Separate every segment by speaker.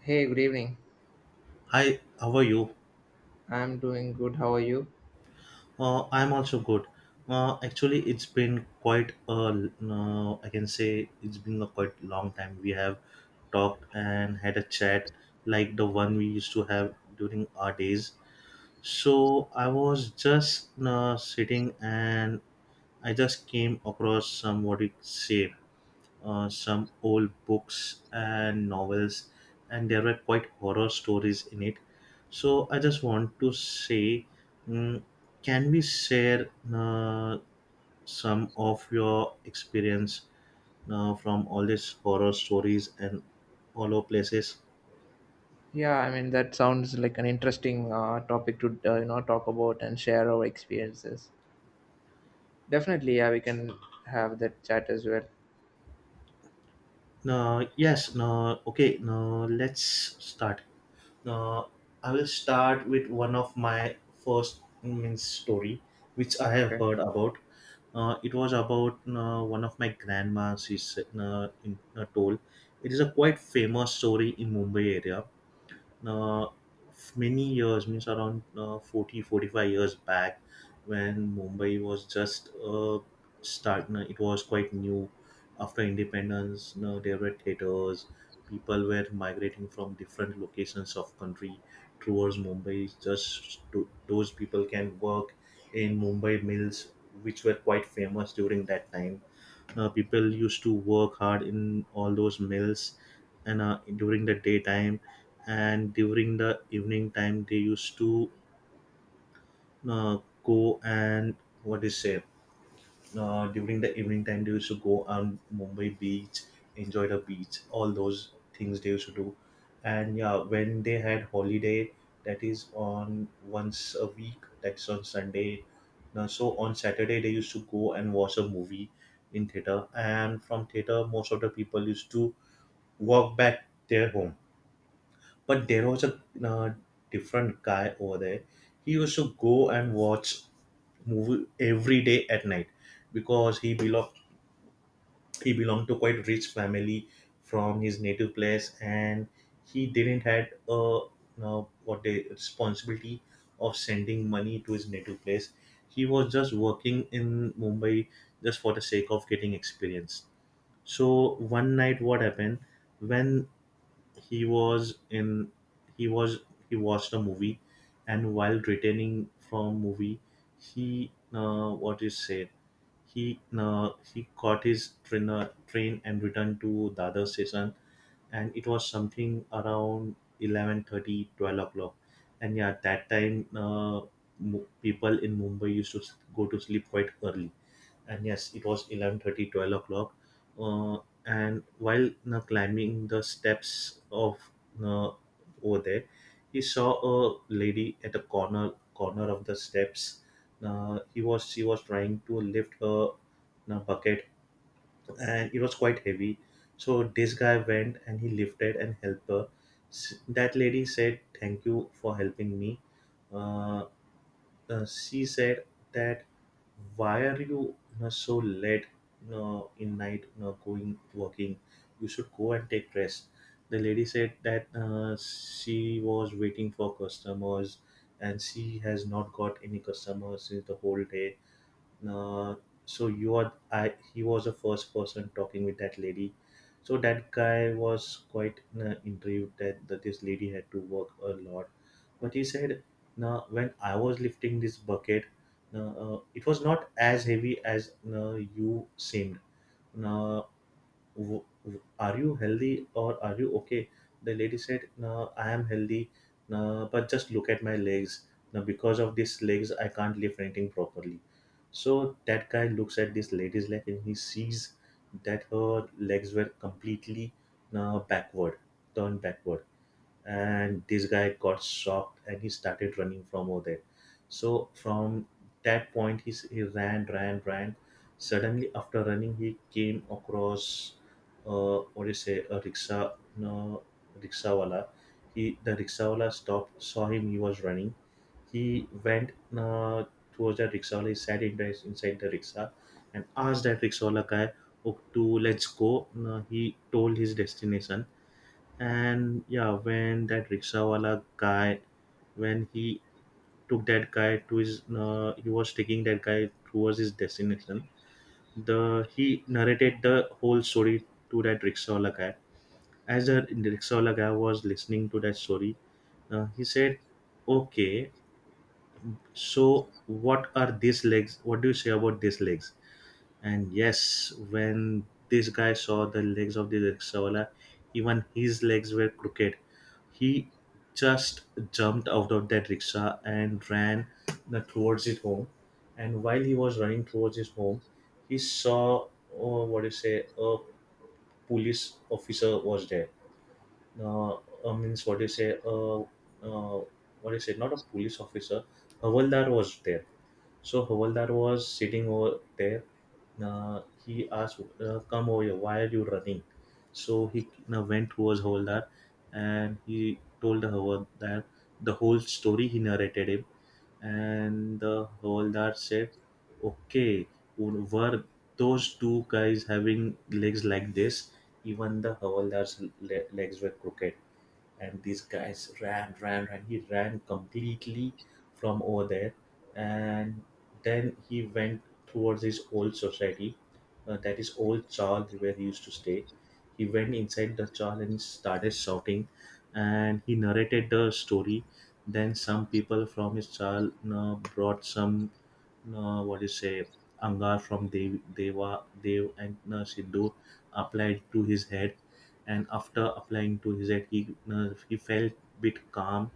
Speaker 1: Hey, good evening.
Speaker 2: Hi, how are you?
Speaker 1: I'm doing good. How are you?
Speaker 2: I'm also good. Actually, it's been quite a, no, I can say it's been a quite long time. We have talked and had a chat like the one we used to have during our days. So I was just sitting, and I just came across some, what you say, some old books and novels, and there were quite horror stories in it. So I just want to say, mm, can we share some of your experience from all these horror stories and all over places?
Speaker 1: Yeah, I mean that sounds like an interesting topic to talk about and share our experiences. Definitely, yeah, we can have that chat as well.
Speaker 2: No, yes, no, okay, no, let's start. Now, I will start with one of my first means story, which I have
Speaker 1: Okay.
Speaker 2: heard about. It was about one of my grandmas. She said, in, told. It is a quite famous story in Mumbai area, uh, many years means around 40 45 years back, when mumbai was just start, no, it was quite new after independence, no, there were theaters, people were migrating from different locations of country towards mumbai just to, those people can work in mumbai mills, which were quite famous during that time. People used to work hard in all those mills, and during the daytime, and during the evening time they used to uh, go and what is say, during the evening time they used to go on mumbai beach, enjoy the beach, all those things they used to do. And yeah, when they had holiday, that is on once a week, that's on sunday now, so on saturday they used to go and watch a movie in theater, and from theater most of the people used to walk back their home. But there was a different guy over there. He used to go and watch movie every day at night, because he belonged to quite rich family from his native place, and he didn't had a what the responsibility of sending money to his native place. He was just working in Mumbai just for the sake of getting experience. So one night, what happened when he was in he was he watched a movie, and while returning from movie he, what is said, he, he caught his train, train, and returned to the other station, and it was something around 11 30 12 o'clock. And yeah, that time, people in mumbai used to go to sleep quite early, and yes, it was 11:30 12 o'clock. uh, and while you climbing the steps of, you, over there, he saw a lady at the corner of the steps. He was She was trying to lift her, you, bucket, and it was quite heavy, so this guy went and he lifted and helped her. That lady said, thank you for helping me. uh, she said that, why are you so late in night, going working, you should go and take rest. The lady said that she was waiting for customers, and she has not got any customers since the whole day. uh, so you are I he was the first person talking with that lady, so that guy was quite intrigued that, that this lady had to work a lot. But he said, now when I was lifting this bucket, uh, it was not as heavy as you seemed. Now, w- w- are you healthy or are you okay? The lady said, no, I am healthy, no, but just look at my legs. Now, because of these legs, I can't lift anything properly. So that guy looks at this lady's leg and he sees that her legs were completely backward, turned backward, and this guy got shocked and he started running from over there. So from that point he, he ran, ran, ran. Suddenly, after running, he came across, what do you say, a rickshaw, no, rickshawala. He the rickshawala stopped, saw him he was running. He went towards that rickshawala, he sat in the, inside the rickshaw, and asked that rickshawala guy, oh, to let's go. He told his destination. And yeah, when that rickshawala guy, when he took that guy to his, he was taking that guy towards his destination. The he narrated the whole story to that rickshawala guy. As the rickshawala guy was listening to that story, he said, okay, so what are these legs? What do you say about these legs? And yes, when this guy saw the legs of the rickshaw, even his legs were crooked. He just jumped out of that rickshaw and ran towards his home. And while he was running towards his home, he saw, oh, what do you say, a police officer was there. uh, Means, what do you say? What do you say? Not a police officer. Havaldar was there. So Havaldar was sitting over there. He asked, come over here, why are you running? So he went towards Havaldar, and he told the Havaldar the whole story. He narrated him, and the Havaldar said, okay, were those two guys having legs like this? Even the Hawaldar's legs were crooked, and these guys ran, ran, ran. He ran completely from over there, and then he went towards his old society, that is old Charl where he used to stay. He went inside the Charl and started shouting, and he narrated the story. Then some people from his Charl brought some, what do you say, Angar from Dev, Deva Dev and Sidhu, applied to his head, and after applying to his head, he felt bit calm,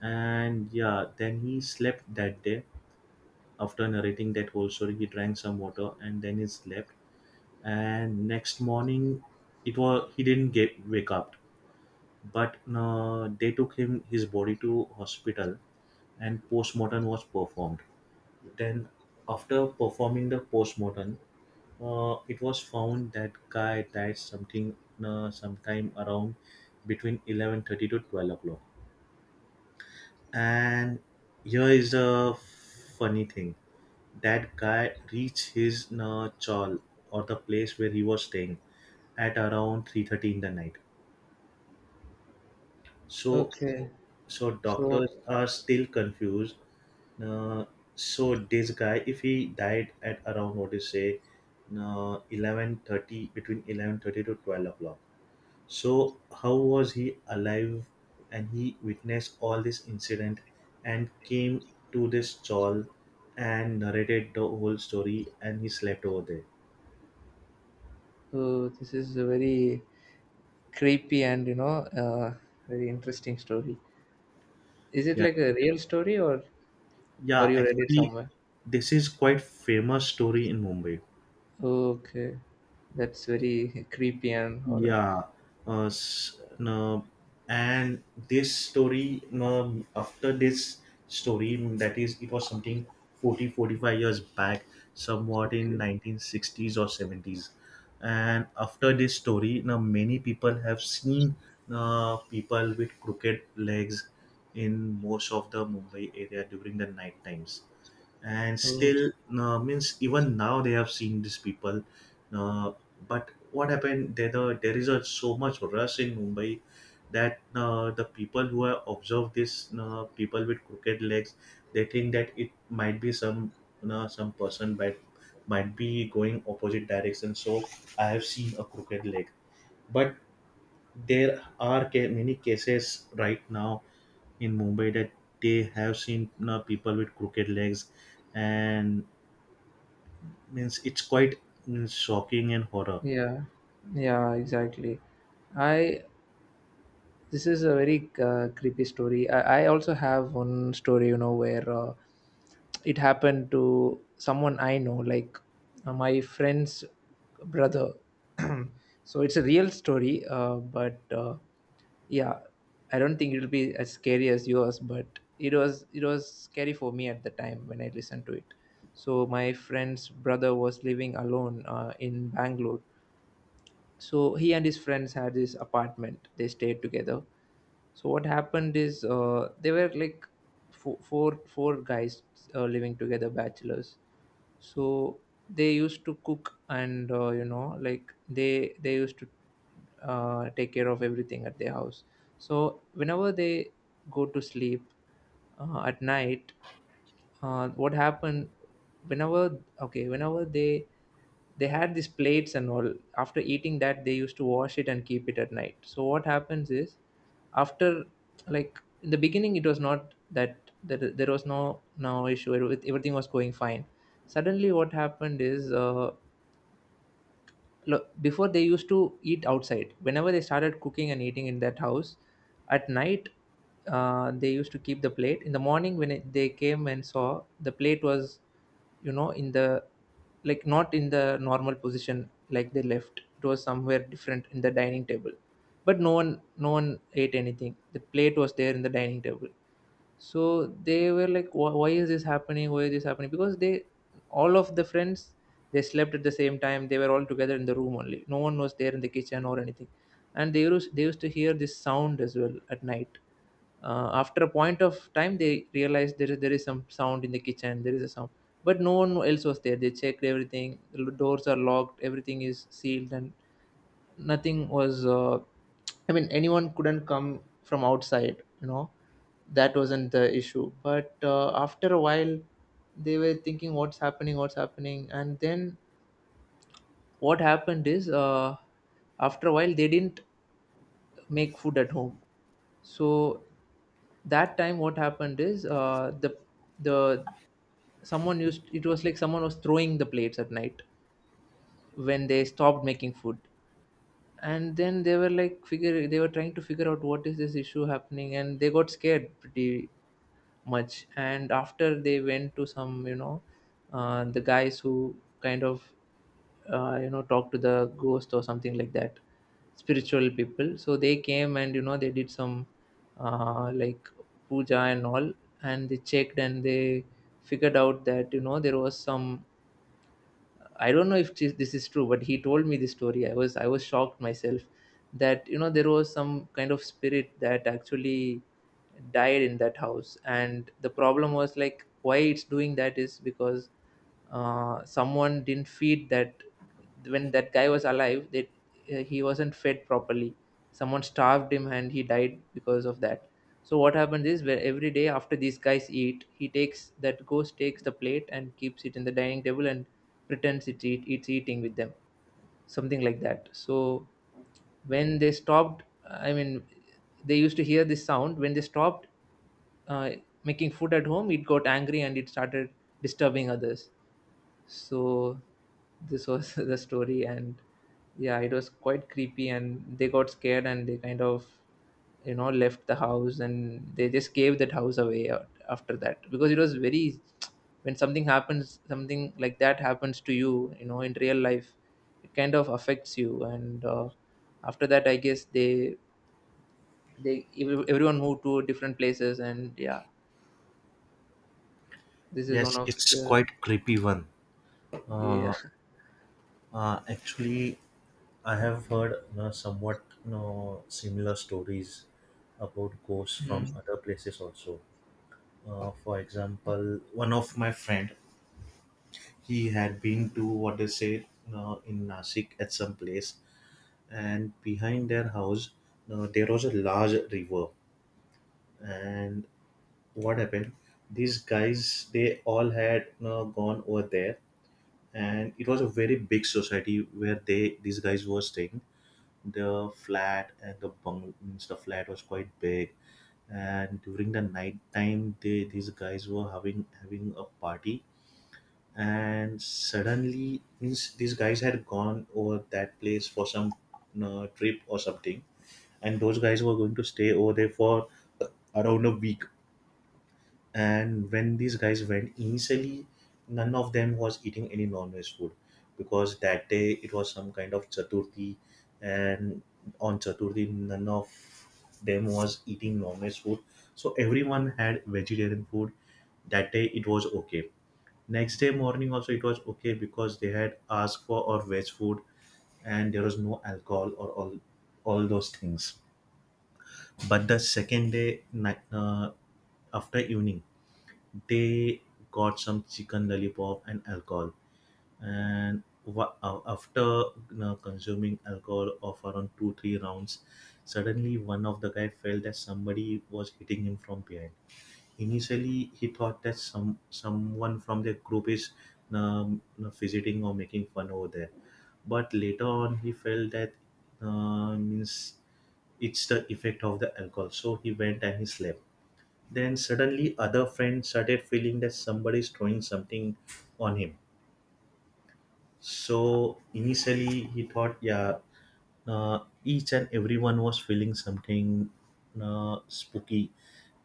Speaker 2: and yeah, then he slept that day. After narrating that whole story, he drank some water and then he slept. And next morning, it was he didn't get wake up, but they took him his body to hospital, and postmortem was performed. Then after performing the postmortem, it was found that guy died something, sometime around between 11:30 to 12 o'clock. And here is the funny thing, that guy reached his chawl, or the place where he was staying, at around 3:30 in the night, so.
Speaker 1: Okay,
Speaker 2: So
Speaker 1: so
Speaker 2: doctors are still confused. Uh, so this guy, if he died at around, what do you say, 11:30, between 11 30 to 12 o'clock, so how was he alive? And he witnessed all this incident and came to this stall and narrated the whole story and he slept over there.
Speaker 1: this is a very creepy and uh, very interesting story. Is it
Speaker 2: Yeah,
Speaker 1: like a real story
Speaker 2: yeah.
Speaker 1: or you read it
Speaker 2: Actually,
Speaker 1: somewhere?
Speaker 2: this is quite famous story in Mumbai.
Speaker 1: Okay, that's very creepy and horror.
Speaker 2: Yeah, no, and this story, no, after this story, that is, it was something 40, 45 years back, somewhat in
Speaker 1: Okay.
Speaker 2: 1960s or 70s. And after this story, now many people have seen people with crooked legs in most of the Mumbai area during the night times, and
Speaker 1: Oh.
Speaker 2: still means even now they have seen these people. uh, but what happened there the, there is a so much rush in mumbai, that the people who have observed this people with crooked legs, they think that it might be some, you, some person might be going opposite direction, so I have seen a crooked leg. But there are many cases right now in mumbai that they have seen, you, people with crooked legs, and means it's quite, shocking and horror.
Speaker 1: Yeah, yeah, exactly. I This is a very creepy story. I also have one story, you know, where it happened to someone I know, like my friend's brother. So it's a real story, but yeah, I don't think it'll be as scary as yours, but it was scary for me at the time when I listened to it. So my friend's brother was living alone in Bangalore, so he and his friends had this apartment, they stayed together. So what happened is, they were like four guys, living together, bachelors. So they used to cook and like they used to take care of everything at their house. So whenever they go to sleep at night, what happened whenever, okay, whenever they had these plates and all, after eating that they used to wash it and keep it at night. So what happens is, after, like, in the beginning it was not that, that there was no issue. Everything was going fine. Suddenly what happened is, look, before they used to eat outside, whenever they started cooking and eating in that house at night, they used to keep the plate. In the morning when it, they came and saw, the plate was, you know, in the, like, not in the normal position like they left, it was somewhere different in the dining table. But no one ate anything, the plate was there in the dining table. So they were like, Why is this happening, why is this happening?" Because they, all of the friends, they slept at the same time, they were all together in the room only, no one was there in the kitchen or anything. And they used to hear this sound as well at night. After a point of time they realized, there is some sound in the kitchen, there is a sound. But no one else was there, they checked everything, the doors are locked, everything is sealed, and nothing was, I mean, anyone couldn't come from outside, you know, that wasn't the issue. But after a while they were thinking, what's happening, what's happening? And then what happened is, after a while they didn't make food at home. So that time what happened is, uh, the someone used, it was like someone was throwing the plates at night when they stopped making food. And then they were like, figure they were trying to figure out what is this issue happening, and they got scared pretty much. And after, they went to some, you know, the guys who kind of, talk to the ghost or something like that, spiritual people. So they came and, you know, they did some, uh, like puja and all. And they checked and they figured out that, you know, there was some, I don't know if this is true, but he told me this story. I was shocked myself, that, you know, there was some kind of spirit that actually died in that house. And the problem was like, why it's doing that is because someone didn't feed that, when that guy was alive, that he wasn't fed properly, someone starved him and he died because of that. So what happens is, where every day after these guys eat, he takes, that ghost takes the plate and keeps it in the dining table and pretends it eat, it's eating with them, something like that. So when they stopped, I mean, they used to hear this sound. When they stopped uh, making food at home, it got angry and it started disturbing others. So this was the story. And yeah, it was quite creepy, and they got scared and they kind of, you know, left the house, and they just gave that house away, after that, because it was very, when something happens, something like that happens to you, you know, in real life, it kind of affects you. And after that, I guess they, everyone moved to different places. And yeah, this is one
Speaker 2: Yes,
Speaker 1: of
Speaker 2: it's
Speaker 1: the,
Speaker 2: quite creepy one.
Speaker 1: yeah.
Speaker 2: Uh, Actually, I have heard, somewhat, similar stories about ghosts from other places also. For example, one of my friend, he had been to what they say, in Nasik at some place, and behind their house, there was a large river. And what happened? These guys, they all had, gone over there, and it was a very big society where they these guys were staying. The flat and the bung means the flat was quite big, and during the night time they these guys were having a party. And suddenly means these guys had gone over that place for some trip or something, and those guys were going to stay over there for around a week. And when these guys went, initially, none of them was eating any non-veg food, because that day it was some kind of Chaturthi, and on Chaturthi, none of them was eating non-veg food. So everyone had vegetarian food. That day it was okay. Next day morning also it was okay, because they had asked for or veg food, and there was no alcohol or all those things. But the second day, after evening, they got some chicken lollipop and alcohol and after consuming alcohol of around two three rounds. Suddenly one of the guy felt that somebody was hitting him from behind. Initially he thought that someone from their group is visiting or making fun over there, but later on he felt that means it's the effect of the alcohol, so he went and he slept. Then suddenly other friend started feeling that somebody is throwing something on him. So initially he thought yeah, each and everyone was feeling something spooky,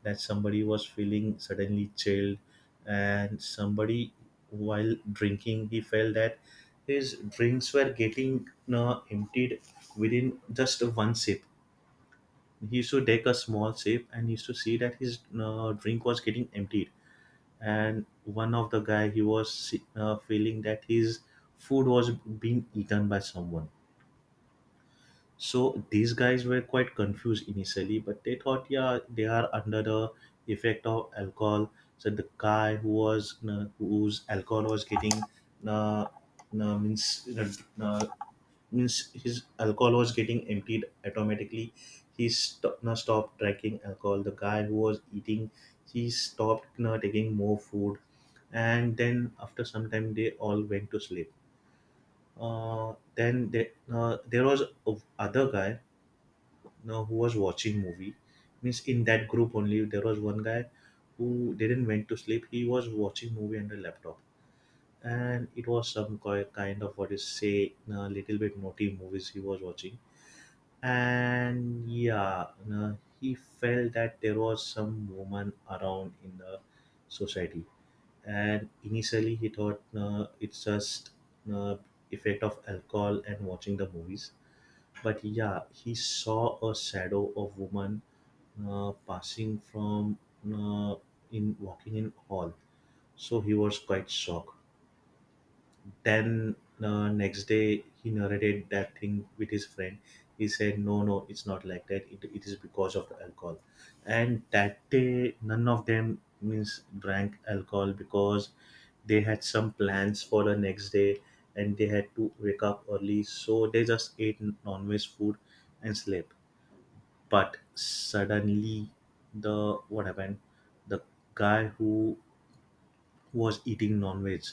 Speaker 2: that somebody was feeling suddenly chilled, and somebody while drinking he felt that his drinks were getting emptied within just one sip. He used to take a small sip and he used to see that his drink was getting emptied. And one of the guy, he was feeling that his food was being eaten by someone. So these guys were quite confused initially, but they thought yeah, they are under the effect of alcohol. So the guy who was whose alcohol was getting uh, uh, means uh, uh, means his alcohol was getting emptied automatically, now stopped tracking alcohol. The guy who was eating, he stopped now taking more food. And then after some time they all went to sleep. Then there was a other guy now who was watching movie. Means in that group only there was one guy who didn't went to sleep, he was watching movie on the laptop. And it was some kind of what is say a little bit naughty movies he was watching. And yeah, he felt that there was some woman around in the society. And initially he thought it's just uh, effect of alcohol and watching the movies. But yeah, he saw a shadow of woman passing from uh, in walking in hall. So he was quite shocked. Then the next day, he narrated that thing with his friend. He said, "No, no, it's not like that. It is because of the alcohol." And that day, none of them means drank alcohol because they had some plans for the next day, and they had to wake up early. So they just ate non-veg food and slept. But suddenly, the what happened? The guy who was eating non-veg.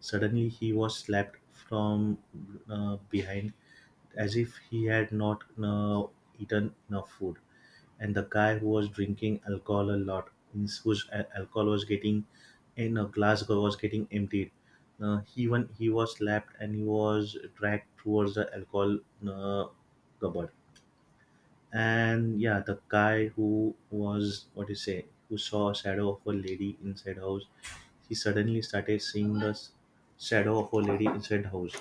Speaker 2: Suddenly, he was slapped from behind as if he had not eaten enough food. And the guy who was drinking alcohol a lot, means whose alcohol was getting, in a glass was getting emptied. He, even he was slapped and he was dragged towards the alcohol uh, cupboard. And yeah, the guy who was, what do you say, who saw a shadow of a lady inside house, he suddenly started seeing the shadow of a lady inside house,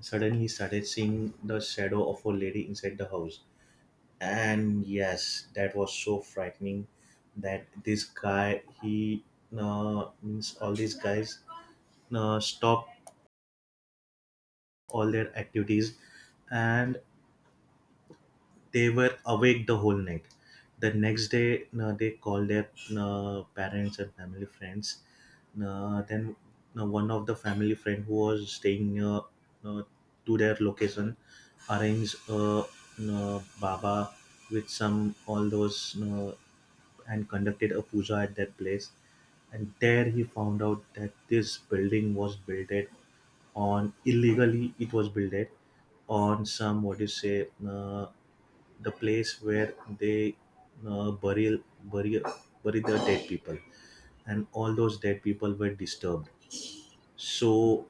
Speaker 2: suddenly he started seeing the shadow of a lady inside the house. And yes, that was so frightening that this guy he means all these guys stopped all their activities, and they were awake the whole night. The next day, they called their parents and family friends. Then one of the family friend who was staying near uh, to their location arranged a baba with some all those and conducted a puja at that place. And there he found out that this building was built on illegally. It was built on some, what do you say, the place where they uh, bury bury bury the dead people, and all those dead people were disturbed. So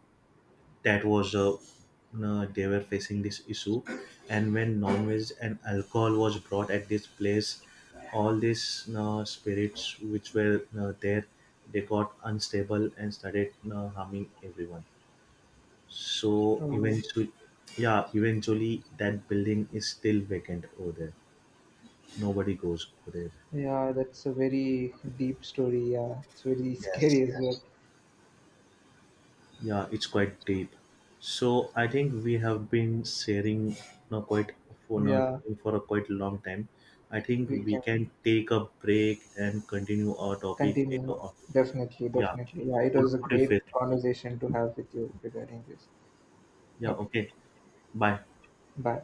Speaker 2: that was a, they were facing this issue. And when non-veg and alcohol was brought at this place, all these spirits which were there, they got unstable and started harming everyone. So
Speaker 1: Hmm.
Speaker 2: eventually, yeah, eventually that building is still vacant over there. Nobody goes over there.
Speaker 1: Yeah, that's a very deep story. Yeah, it's very
Speaker 2: Yes.
Speaker 1: scary as well.
Speaker 2: Yeah, it's quite deep. So I think we have been sharing now quite, for not
Speaker 1: Yeah,
Speaker 2: for a quite long time. I think
Speaker 1: we
Speaker 2: we
Speaker 1: can
Speaker 2: can take a break and continue our topic later
Speaker 1: continue.
Speaker 2: on.
Speaker 1: Definitely,
Speaker 2: Yeah.
Speaker 1: definitely. Yeah, it
Speaker 2: What,
Speaker 1: was a
Speaker 2: what if
Speaker 1: great
Speaker 2: it?
Speaker 1: conversation to have with you regarding this.
Speaker 2: Yeah.
Speaker 1: Okay,
Speaker 2: Okay. Bye.
Speaker 1: bye.